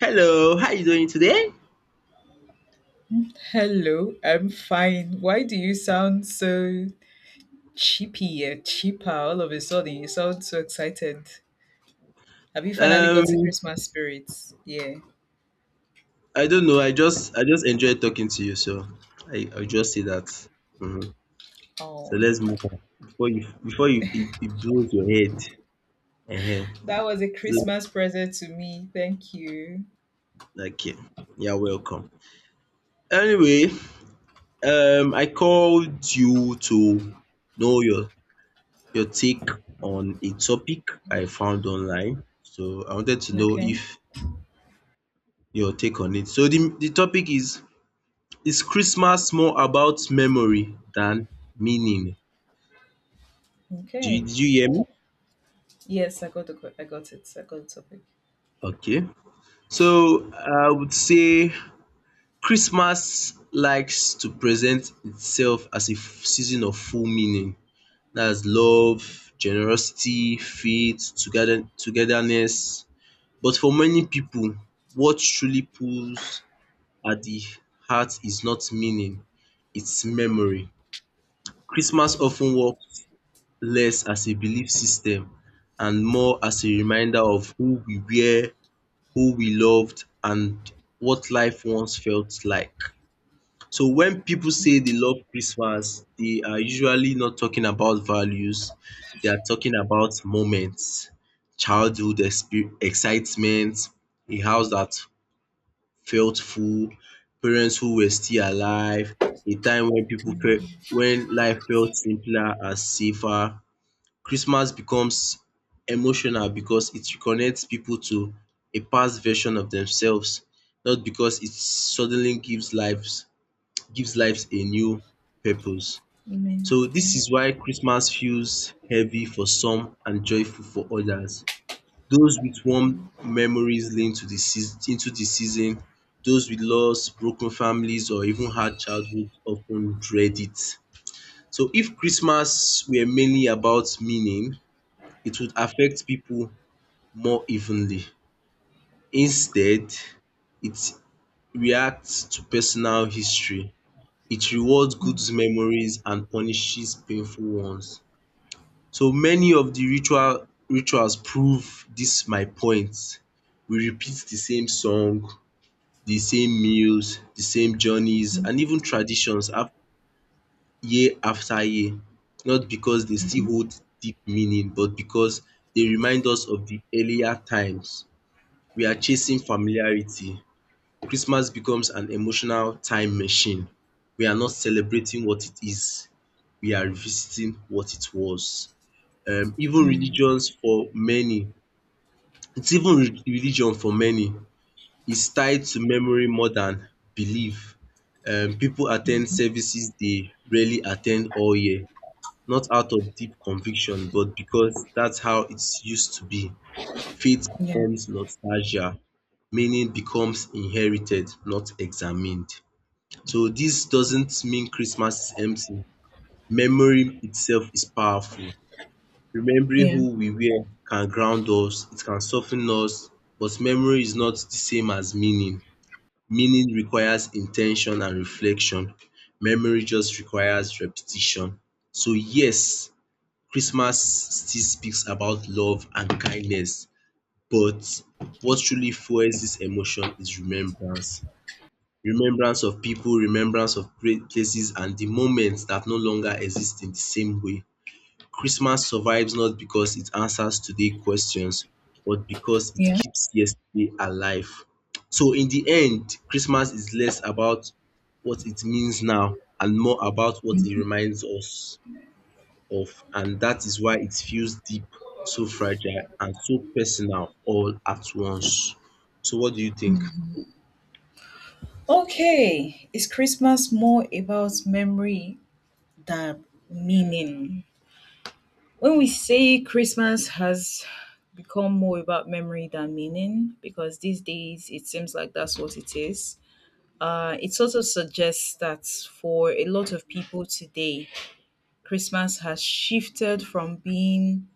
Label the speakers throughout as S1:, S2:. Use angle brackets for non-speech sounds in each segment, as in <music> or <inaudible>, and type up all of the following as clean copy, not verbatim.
S1: Hello, how you doing today?
S2: Hello, I'm fine. Why do you sound so cheapy and cheaper all of a sudden? You sound so excited. Have you finally gotten
S1: Um,
S2: Christmas spirits? Yeah.
S1: I don't know. I just enjoyed talking to you, so I'll just say that. Mhm. So
S2: Oh,
S1: let's move on before you it blows your head. uh
S2: that was a
S1: So,
S2: Christmas present to me. Thank you.
S1: okay, you're welcome. Anyway, I called you to know your take on a topic I found online. So I wanted to know
S2: Okay.
S1: if your take on it. So the topic is: Is Christmas more about memory than meaning? Do you,
S2: Okay.
S1: did you hear me?
S2: I got it. I got the topic.
S1: Okay. So I would say Christmas likes to present itself as a season of full meaning. That's love, generosity, faith, togetherness. But for many people, what truly pulls at the heart is not meaning, it's memory. Christmas
S2: Oh,
S1: often works less as a belief system and more as a reminder of who we were, who we loved, and what life once felt like. So when people say they love Christmas, they are usually not talking about values. They are talking about moments, excitement, a house that felt full, parents who were still alive, a time when people felt when life felt simpler and safer. Christmas becomes emotional because it reconnects people to a past version of themselves, not because it suddenly gives lives a new purpose.
S2: you
S1: So
S2: mean
S1: this
S2: yeah.
S1: is why Christmas feels heavy for some and joyful for others. Those with warm memories linked to the seas- into the season, those with loss, broken families, or even hard childhood often dread it. So if Christmas were mainly about meaning, it would affect people more evenly. Instead, it reacts to personal history. It rewards good memories and punishes painful ones. So many of the rituals prove this my point. We repeat the same song, the same meals, the same journeys, and even traditions af year after year. Not because they still
S2: Mhm.
S1: hold deep meaning, but because they remind us of the earlier times. We are chasing familiarity. Christmas becomes an emotional time machine. We are not celebrating what it is, we are revisiting what it was. Even religions for many, it's even re- Religion for many is tied to memory more than belief. Pipu at services they rarely attend all year, not out of deep conviction but because that's how it's used to be. Faith
S2: Yeah.
S1: becomes nostalgia, meaning becomes inherited, not examined. So this doesn't mean Christmas is empty. Memory itself is powerful. Remembering
S2: Yeah.
S1: who we were can ground us, it can soften us, but memory is not the same as meaning. Meaning requires intention and reflection. Memory just requires repetition. So yes, Christmas still speaks about love and kindness, but what truly fuels this emotion is remembrance. Remembrance of people, remembrance of great places, and the moments that no longer exist in the same way. Christmas survives not because it answers today's questions, but because it
S2: Yeah.
S1: keeps yesterday alive. So in the end, Christmas is less about what it means now and more about what it reminds us of. And that is why it feels deep, so fragile, and so personal all at once. So what do you think?
S2: Okay, is Christmas more about memory than meaning? When we say Christmas has become more about memory than meaning, because these days it seems like that's what it is, it sort of suggests that for a lot of people today, Christmas has shifted from being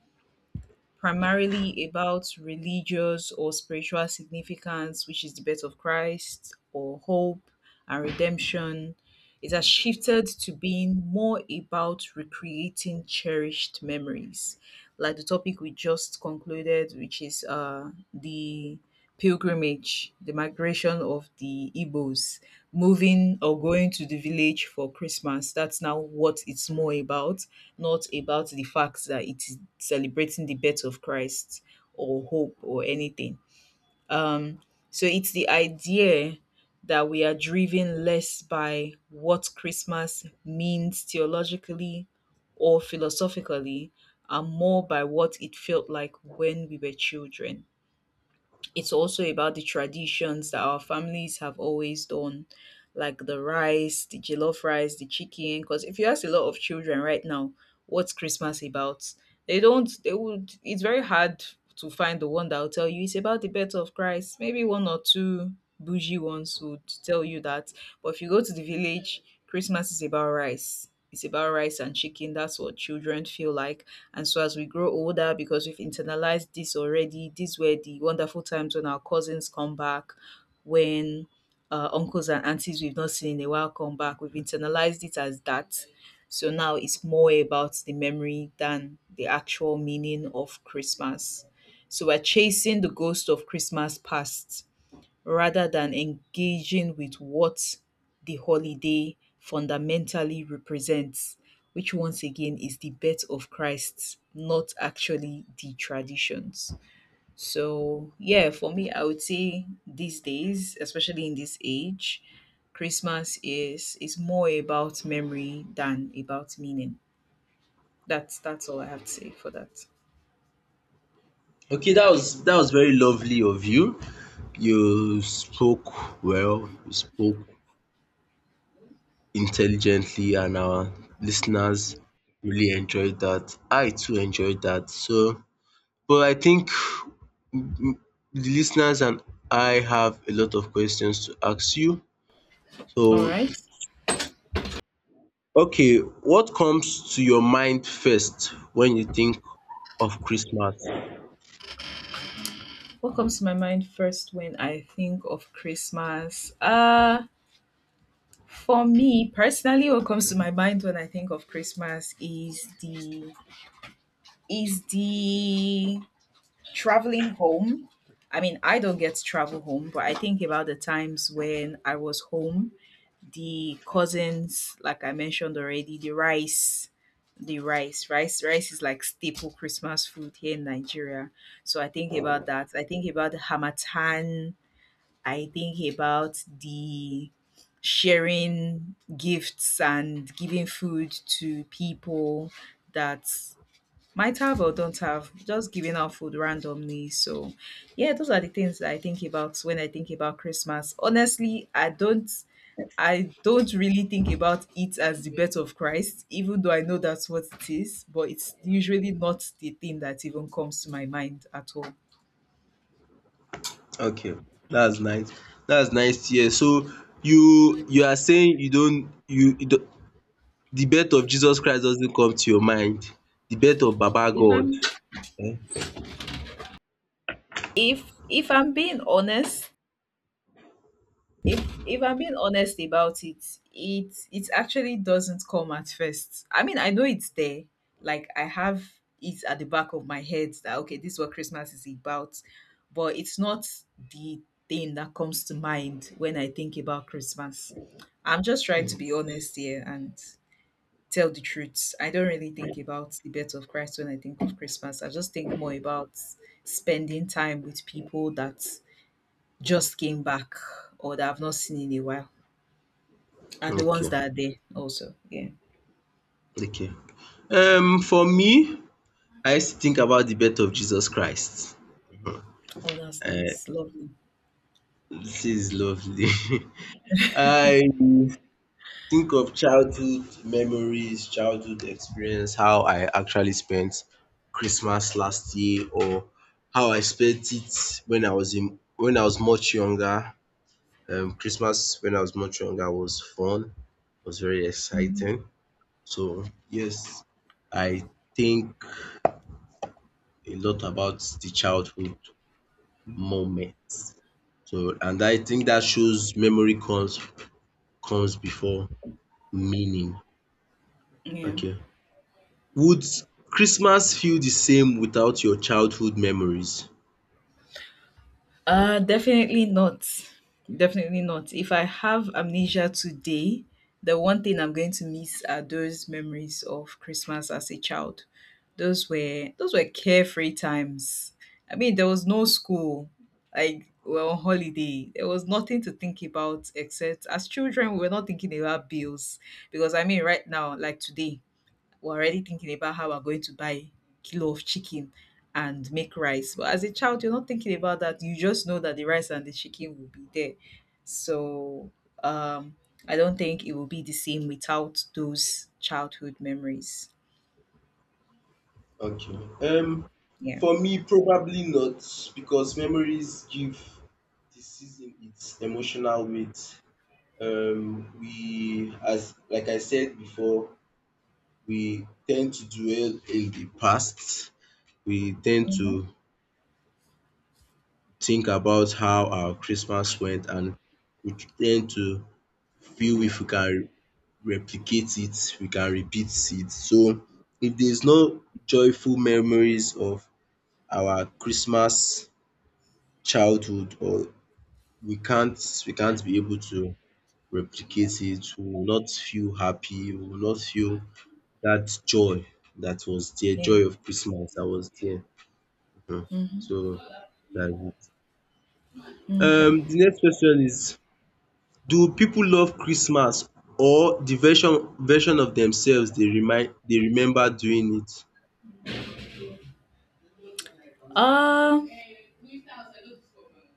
S2: primarily about religious or spiritual significance, which is the birth of Christ or hope and redemption. It has shifted to being more about recreating cherished memories, like the topic we just concluded, which is the pilgrimage, the migration of the Igbos, moving or going to the village for Christmas. That's now what it's more about, not about the fact that it's celebrating the birth of Christ or hope or anything. Um, so it's the idea that we are driven less by what Christmas means theologically or philosophically, and more by what it felt like when we were children. It's also about the traditions that our families have always done, like the rice, the jollof rice, the chicken. Because if you ask a lot of children right now, what's Christmas about? They don't, they would, it's very hard to find the one that will tell you it's about the birth of Christ. Maybe one or two bougie ones would tell you that. But if you go to the village, Christmas is about rice. It's about rice and chicken. That's what children feel like, and so as we grow older, because we've internalized this already, these were the wonderful times when our cousins come back, when uncles and aunties we've not seen in a while come back. We've internalized it as that. So now it's more about the memory than the actual meaning of Christmas. So we're chasing the ghost of Christmas past rather than engaging with what the holiday fundamentally represents, which once again is the birth of Christ, not actually the traditions. So, yeah, for me, I would say these days, especially in this age, Christmas is more about memory than about meaning. That's all I have to say for that.
S1: Okay, that was very lovely of you. You spoke well, you spoke intelligently, and our listeners really enjoyed that. I too enjoyed that. So, but I think the listeners and I have a lot of questions to ask you.
S2: All
S1: So,
S2: right.
S1: okay, what comes to your mind first when you think of Christmas?
S2: What comes to my mind first when I think of Christmas? For me personally, what comes to my mind when I think of Christmas is the traveling home. I mean, I don't get to travel home, but I think about the times when I was home, the cousins, like I mentioned already, the rice, rice is like staple Christmas food here in Nigeria. So I think about that. I think about the hamatan, I think about the sharing gifts and giving food to people that might have or don't have, just giving out food randomly. So, yeah, those are the things that I think about when I think about Christmas. Honestly, I don't really think about it as the birth of Christ, even though I know that's what it is, but it's usually not the thing that even comes to my mind at all.
S1: Okay, that's nice. That's nice to hear. So you are saying you don't you do, the birth of Jesus Christ doesn't come to your mind, the birth of baba
S2: If
S1: God.
S2: I'm if I'm being honest, if I'm being honest about it, it actually doesn't come at first. I mean, I know it's there. Like I have it at the back of my head that okay, this is what Christmas is about, but it's not the thing that comes to mind when I think about Christmas. I'm just trying to be honest here and tell the truth. I don't really think about the birth of Christ when I think of Christmas. I just think more about spending time with people that just came back or that I've not seen in a while and the ones
S1: Okay,
S2: that are there also. Yeah.
S1: okay. For me, I used to think about the birth of Jesus Christ.
S2: Oh, that's
S1: um
S2: nice. Lovely.
S1: this is lovely. <laughs> I think of childhood memories, childhood experience, how I actually spent Christmas last year, or how I spent it when I was much younger. Christmas when I was much younger was fun, was very exciting. So yes, I think a lot about the childhood moments. So and I think that shows memory comes before meaning.
S2: Yeah.
S1: Okay. Would Christmas feel the same without your childhood memories?
S2: Definitely not. Definitely not. If I have amnesia today, the one thing I'm going to miss are those memories of Christmas as a child. Those were carefree times. I mean, there was no school. Like we were on holiday. There was nothing to think about except as children, we were not thinking about bills. Because I mean, right now, like today, we're already thinking about how we're going to buy a kilo of chicken and make rice. But as a child, you're not thinking about that. You just know that the rice and the chicken will be there. So um, I don't think it will be the same without those childhood memories.
S1: Okay.
S2: Yeah.
S1: For me probably not, because memories give the season its emotional weight. We as Like I said before, we tend to dwell in the past. We tend
S2: Hmm.
S1: to think about how our Christmas went, and we tend to feel if we can replicate it, we can repeat it. So if there's no joyful memories of our Christmas childhood, or we can't be able to replicate it, we will not feel happy, we will not feel that joy that was there,
S2: Yeah.
S1: joy of Christmas that was there. Hmm.
S2: Hmm.
S1: So, like,
S2: Okay.
S1: the next question is: do people love Christmas or the version of themselves they remind they remember doing it?
S2: Um.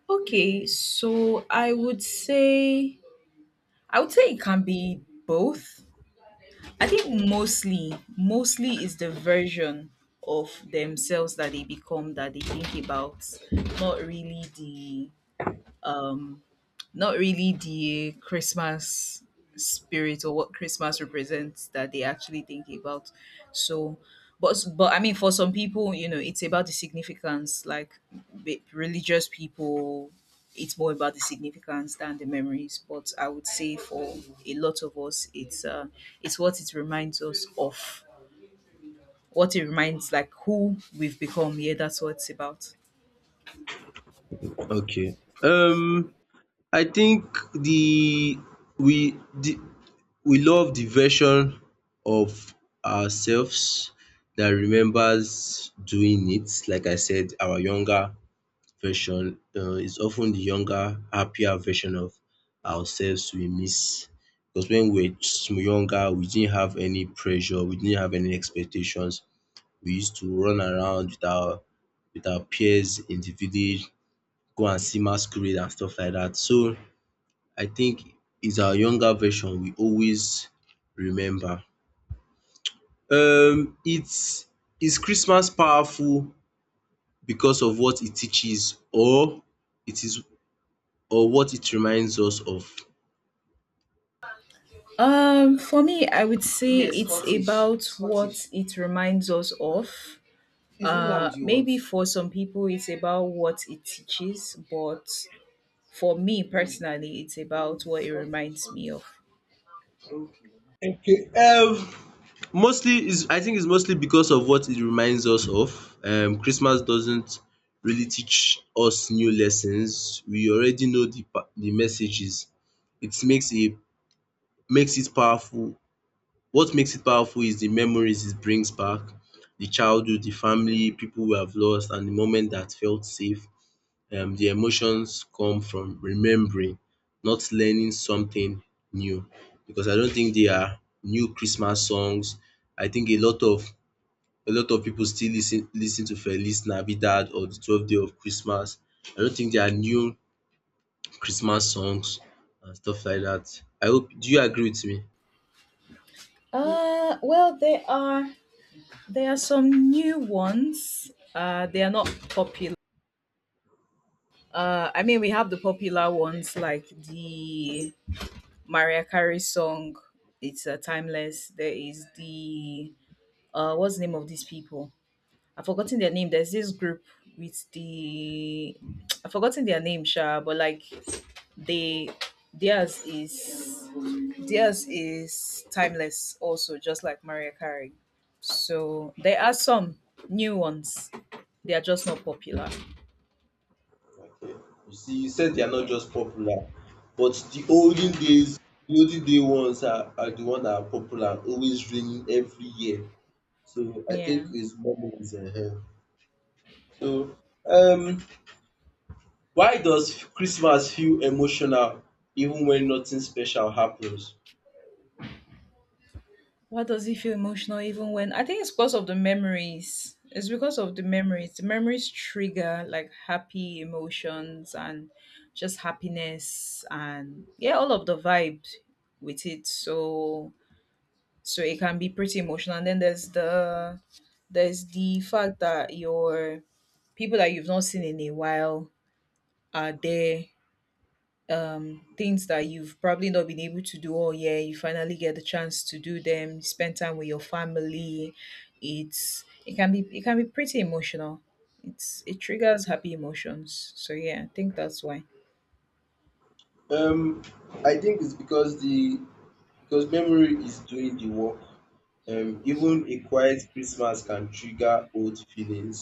S2: Okay. So I would say it can be both. I think mostly is the version of themselves that they become that they think about, not really the um not really the Christmas spirit or what Christmas represents that they actually think about. So, but I mean, for some people, you know, it's about the significance. Like religious people, it's more about the significance than the memories. But I would say for a lot of us, it's what it reminds us of. What it reminds, like who we've become. Yeah, that's what it's about.
S1: Okay. Um I think the we the we love the version of ourselves that remembers doing it. Like I said, our younger version is often the younger, happier version of ourselves we miss. Because when we were younger, we didn't have any pressure, we didn't have any expectations. We used to run around with our peers in the village, go and see masquerade and stuff like that. So I think it's our younger version we always remember. It's Is Christmas powerful because of what it teaches, or it is or what it reminds us of?
S2: For me, I would say it's about what it reminds us of. Maybe for some people, it's about what it teaches, but for me personally, it's about what it reminds me of.
S1: Okay. Mostly is I think it's mostly because of what it reminds us of. Christmas doesn't really teach us new lessons. We already know the messages. It makes it makes it powerful. What makes it powerful is the memories it brings back, the childhood, the family, people we have lost, and the moment that felt safe. The emotions come from remembering, not learning something new, because I don't think there are new Christmas songs. I think a lot of people still lis ten to Feliz Navidad or the 12 day of Christmas. I don't think there are new Christmas songs and stuff like that. I hope, do you agree with me?
S2: Well, there are some new ones. They are not popular. I mean, we have the popular ones like the Mariah Carey song. It's a timeless. There is the what's the name of these people? I've forgotten their name. There's this group with the— I've forgotten their name, Sha, but like they theirs is theirs is timeless also, just like Maria Carey. So there are some new ones. They are just not popular.
S1: Okay. You see, you said they are not
S2: Yeah.
S1: just popular, but the olden
S2: Yeah.
S1: days, the olden day ones are the one that are popular, always reigning every year. So I
S2: Yeah.
S1: think his it's is in here. So um why does Christmas feel emotional even when nothing special happens?
S2: Why does he feel emotional even when I think it's because of the memories. It's because of the memories. The memories trigger like happy emotions and just happiness and yeah, all of the vibes with it. So so it can be pretty emotional. And then there's the fact that your people that you've not seen in a while are there, things that you've probably not been able to do all year. You finally get the chance to do them. Spend time with your family. It can be pretty emotional. It triggers happy emotions. So yeah, I think that's why.
S1: Um I think it's because the because memory is doing the work. Even a quiet Christmas can trigger old feelings,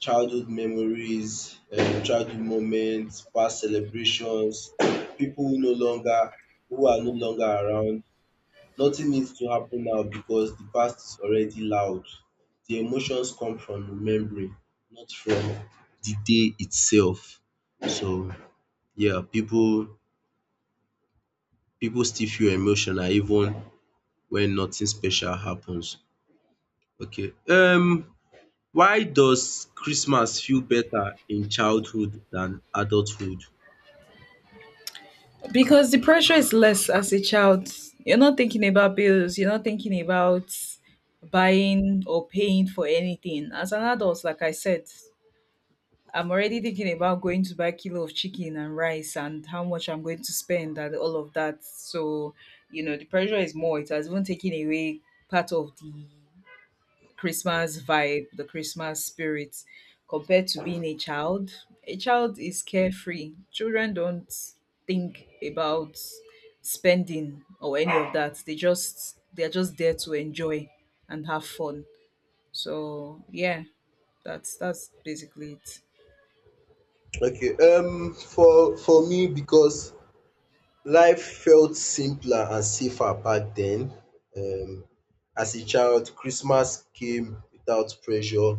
S1: childhood memories, childhood moments, past celebrations, people who no longer who are no longer around. Nothing needs to happen now because the past is already loud. The emotions come from remembering, not from the day itself. So yeah, people still feel emotional even when nothing special happens. Okay. Why does Christmas feel better in childhood than adulthood?
S2: Because the pressure is less as a child. You're not thinking about bills. You're not thinking about buying or paying for anything. As an adult, like I said, I'm already thinking about going to buy kilo of chicken and rice and how much I'm going to spend and all of that. So, you know, the pressure is more. It has even taken away part of the Christmas vibe, the Christmas spirit, compared to being a child. A child is carefree. Children don't think about spending or any of that. They're just there to enjoy and have fun. So yeah, that's basically it.
S1: Okay, for me because life felt simpler and safer back then. Um, as a child, Christmas came without pressure.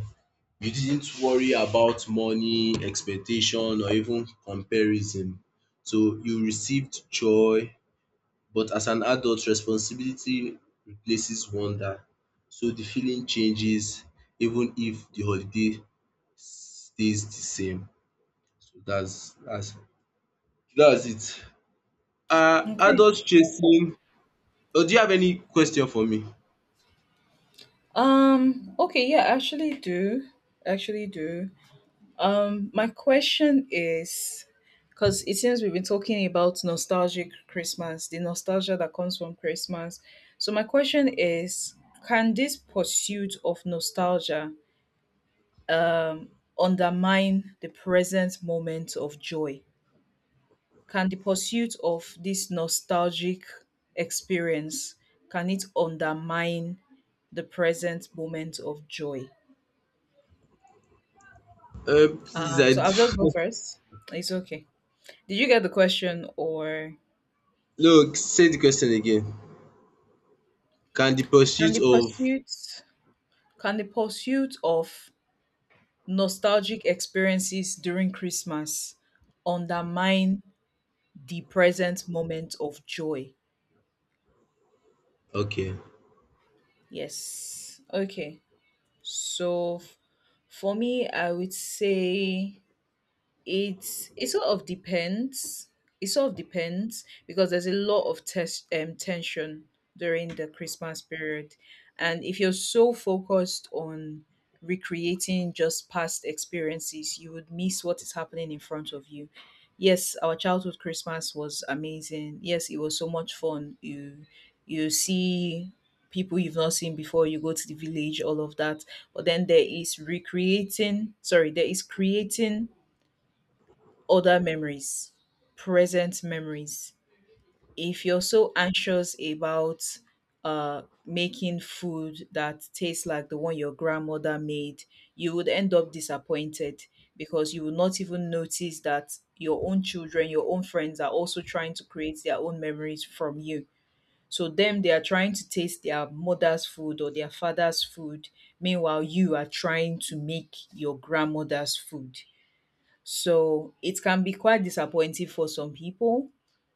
S1: You didn't worry about money, expectation, or even comparison. So you received joy, but as an adult, responsibility replaces wonder. So the feeling changes even if the holiday stays the same. So that's it. Are
S2: Okay.
S1: adults chasing— Oh, do you have any question for me?
S2: Okay, yeah, I actually do. Actually do. My question is, because it seems we've been talking about nostalgic Christmas, the nostalgia that comes from Christmas. So my question is, can this pursuit of nostalgia undermine the present moment of joy? Can the pursuit of this nostalgic experience can it undermine the present moment of joy?
S1: Uh, please, I
S2: So I'll just go
S1: d-
S2: first. It's okay. Did you get the question or—
S1: <laughs> no, say the question again. Can the
S2: can
S1: pursuit
S2: the
S1: of,
S2: pursuit can the pursuit of nostalgic experiences during Christmas undermine the present moment of joy?
S1: okay.
S2: Yes. Okay. So for me, I would say it's it sort of depends it sort of depends because there's a lot of test tension during the Christmas period. And if you're so focused on recreating just past experiences, you would miss what is happening in front of you. Yes, our childhood Christmas was amazing. Yes, it was so much fun. You see people you've not seen before, you go to the village, all of that. But then there is creating other memories, present memories. If you're so anxious about making food that tastes like the one your grandmother made, you would end up disappointed because you will not even notice that your own children, your own friends are also trying to create their own memories from you. So, them, they are trying to taste their mother's food or their father's food. Meanwhile, you are trying to make your grandmother's food. So it can be quite disappointing for some people.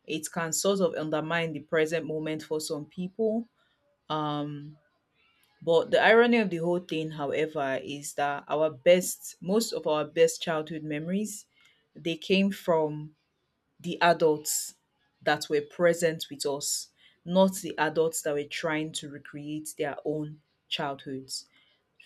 S2: It can sort of undermine the present moment for some people. Um, but the irony of the whole thing, however, is that our best, most of our best childhood memories, they came from the adults that were present with us, not the adults that were trying to recreate their own childhoods,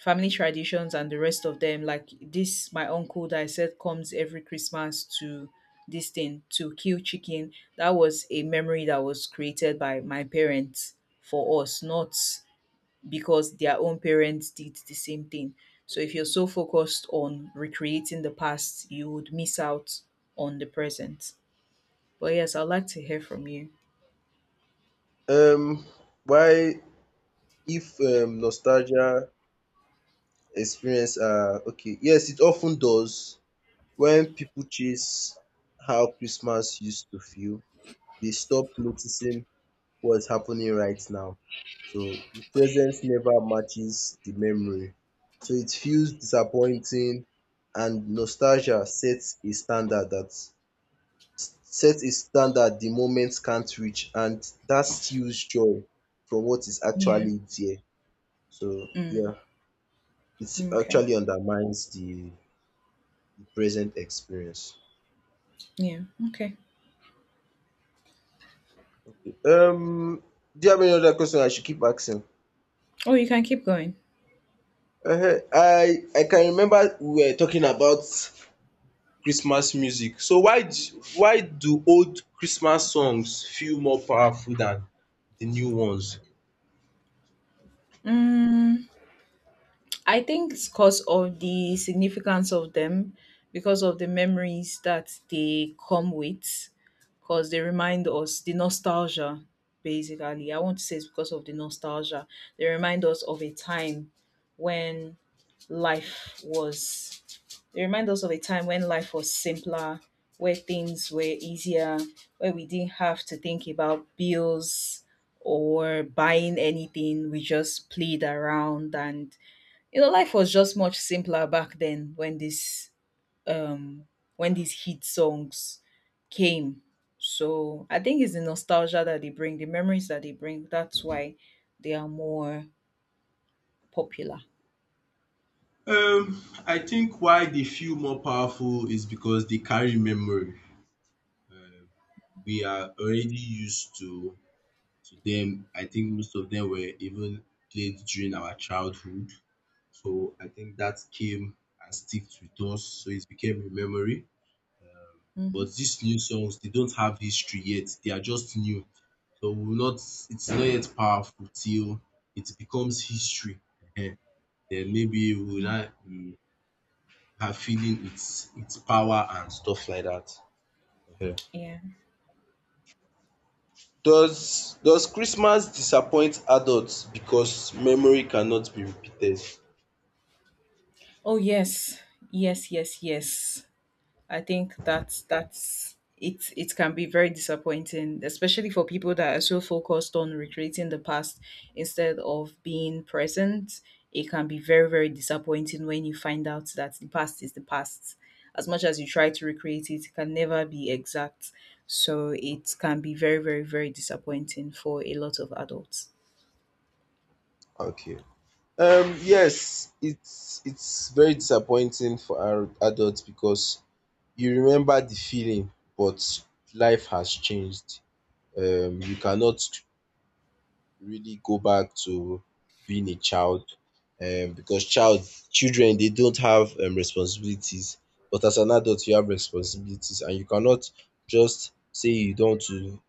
S2: family traditions and the rest of them. Like this, my uncle that I said comes every Christmas to this thing to kill chicken, that was a memory that was created by my parents for us, not because their own parents did the same thing. So if you're so focused on recreating the past, you would miss out on the present. But yes, I'd like to hear from you.
S1: Um, why if Nostalgia experience are okay? Yes, it often does. When people chase how Christmas used to feel, they stop noticing what's happening right now. So the presence never matches the memory. So it feels disappointing, and nostalgia sets a standard that sets a standard the moment can't reach, and that steals joy from what is
S2: Yeah.
S1: actually there. So
S2: mm,
S1: yeah, it
S2: okay.
S1: actually the present experience.
S2: Yeah. Okay.
S1: Um do you have any other question I should keep asking?
S2: Oh, you can keep going.
S1: Ehen, I can remember we were talking about Christmas music. So why do old Christmas songs feel more powerful than the new ones?
S2: mm, I think it's because of the significance of them, because of the memories that they come with, because they remind us the nostalgia, basically. I want to say it's because of the nostalgia. They remind us of a time when life was, they remind us of a time when life was simpler, where things were easier, where we didn't have to think about bills or buying anything. We just played around and you know life was just much simpler back then when this um when these hit songs came. So I think it's the nostalgia that they bring, the memories that they bring, that's why they are more popular.
S1: I think why they feel more powerful is because they carry memory. Uh, we are already used to them. I think most of them were even played during our childhood. So I think that came and sticks with us. So it became a memory.
S2: Mhm.
S1: But these new songs, they don't have history yet. They are just new. So we'll not it's not yet powerful till it becomes history. Ehen. Then maybe we'll not be are feeling its power and stuff like that. Ehen.
S2: Yeah.
S1: Does Christmas disappoint adults because memory cannot be repeated?
S2: Oh yes, yes, yes, yes, I think that's it. It can be very disappointing, especially for people that are so focused on recreating the past instead of being present. It can be very, very disappointing when you find out that the past is the past. As much as you try to recreate it, it can never be exact. So it can be very, very, very disappointing for a lot of adults.
S1: Okay. Yes, it's very disappointing for our adults because you remember the feeling, but life has changed. You cannot really go back to being a child, because child children they don't have responsibilities, but as an adult you have responsibilities, and you cannot just say you don't want to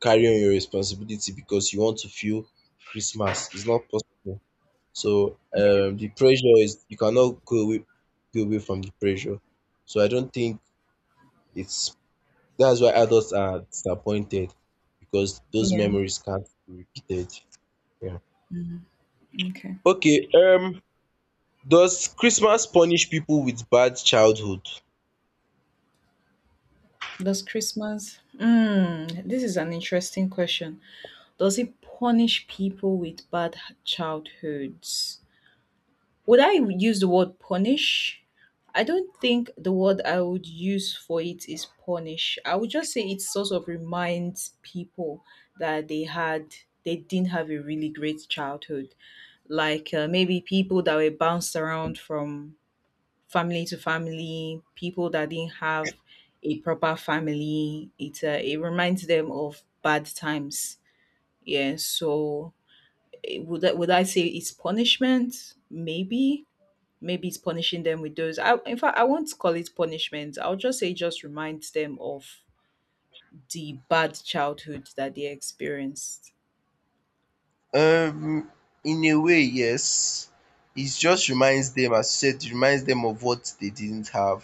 S1: carry on your responsibility because you want to feel Christmas. It's not possible. So
S2: Yeah.
S1: the pressure is, you cannot go away from the pressure. So I don't think it's that's why adults are disappointed, because those
S2: Yeah.
S1: memories can't be repeated. Yeah.
S2: Okay.
S1: Okay, does Christmas punish people with bad childhood?
S2: Does Christmas? Mm, this is an interesting question. Does it punish people with bad childhoods? Would I use the word punish? I don't think the word I would use for it is punish. I would just say it sort of reminds people that they didn't have a really great childhood. Like maybe people that were bounced around from family to family, people that didn't have a proper family. It it reminds them of bad times. Yeah, so would I say it's punishment? Maybe. Maybe it's punishing them with those. In fact, I won't call it punishment. I'll just say it just reminds them of the bad childhood that they experienced.
S1: Um, in a way, yes. It just reminds them, as you said, it reminds them of what they didn't have,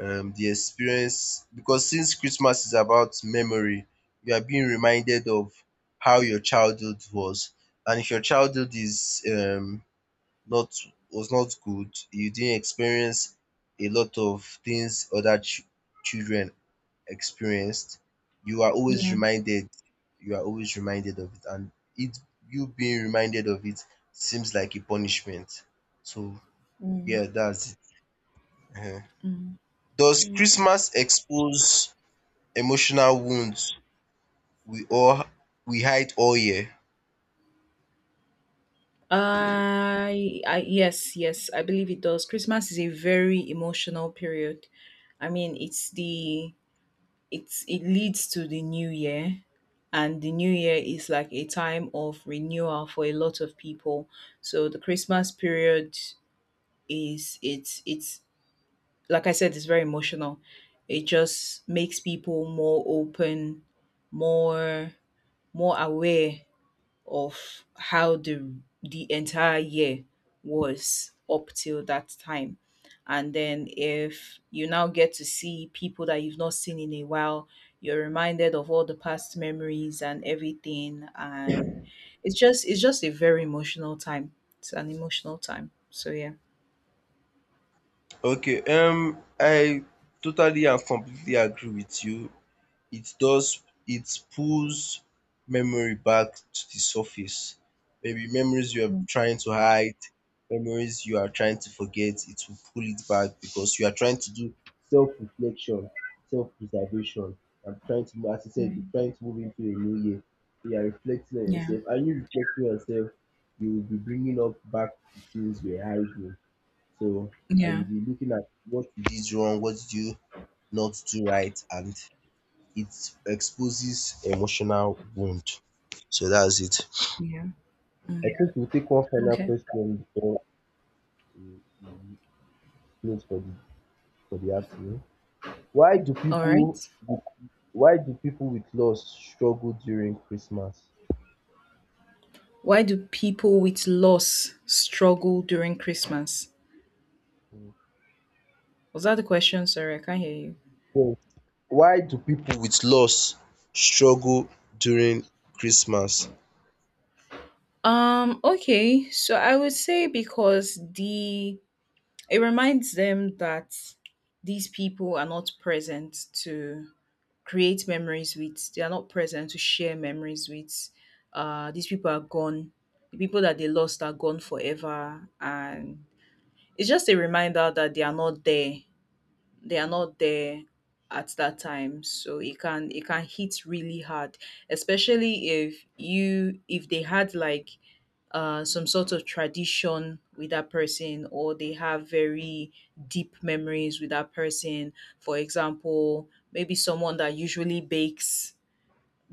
S1: the experience. Because since Christmas is about memory, you are being reminded of how your childhood was. And if your childhood is not, was not good, you didn't experience a lot of things other children experienced, you are always
S2: Yeah.
S1: reminded, of it, and it you being reminded of it seems like a punishment. So
S2: Mm,
S1: yeah, that's it. Ehen.
S2: mm,
S1: Does
S2: okay.
S1: Christmas expose emotional wounds we all we hide all year?
S2: I yes, yes, I believe it does. Christmas is a very emotional period. I mean, it's it leads to the new year, and the new year is like a time of renewal for a lot of people. So the Christmas period is, it's like I said, it's very emotional. It just makes people more open, more, more aware of how the entire year was up till that time. And then if you now get to see people that you've not seen in a while, you're reminded of all the past memories and everything, and it's just a very emotional time. It's an emotional time. So yeah.
S1: Okay, I totally and completely agree with you. It does, it pulls memory back to the surface. Maybe memories you are trying to hide, memories you are trying to forget, it will pull it back, because you are trying to do self-reflection, self-preservation. I'm trying to, as I said, you're
S2: Mhm.
S1: trying to move into a new year. You are reflecting on
S2: Yeah.
S1: yourself, and you reflecting on yourself, you will be bringing up back the things you were hiding. So, and
S2: Yeah.
S1: you'll be looking at what you did wrong, what did you not do right, and it exposes emotional wound. So that's it.
S2: Yeah.
S1: I think
S2: Mm.
S1: we'll take one final
S2: Okay.
S1: question before we close for the afternoon. Why do
S2: All
S1: people
S2: right.
S1: with- why do people with loss struggle during Christmas?
S2: Why do people with loss struggle during Christmas? Was that the question? Sorry, I can't hear you.
S1: Yes. Why do people with loss struggle during Christmas?
S2: Okay. So I would say because the it reminds them that these people are not present to create memories with, they are not present to share memories with. Uh, these people are gone. The people that they lost are gone forever. And it's just a reminder that they are not there at that time. So it can hit really hard, especially if you if they had like some sort of tradition with that person, or they have very deep memories with that person. For example, maybe someone that usually bakes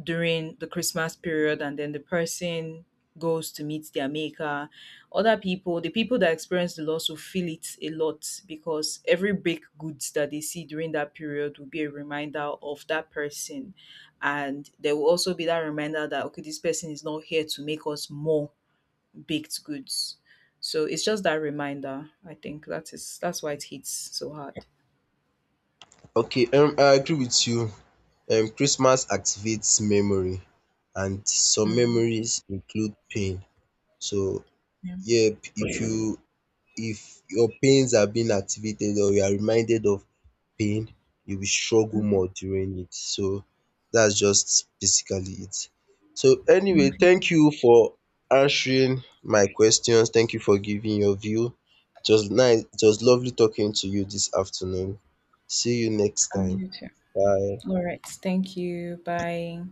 S2: during the Christmas period, and then the person goes to meet their maker. Other people, the people that experience the loss, will feel it a lot because every baked goods that they see during that period will be a reminder of that person, and there will also be that reminder that okay, this person is not here to make us more baked goods. So it's just that reminder. I think that's why it hits so hard.
S1: Okay, I agree with you. Christmas activates memory, and some
S2: Mm,
S1: memories include pain. So,
S2: yeah.
S1: yep, if you, if your pains are being activated or you are reminded of pain, you will struggle
S2: Hmm.
S1: more during it. So that's just basically it. So anyway,
S2: Okay.
S1: thank you for answering my questions. Thank you for giving your view. It was nice. It was lovely talking to you this afternoon. See you next
S2: I'll
S1: time.
S2: do too.
S1: Bye.
S2: All right. Thank you. Bye.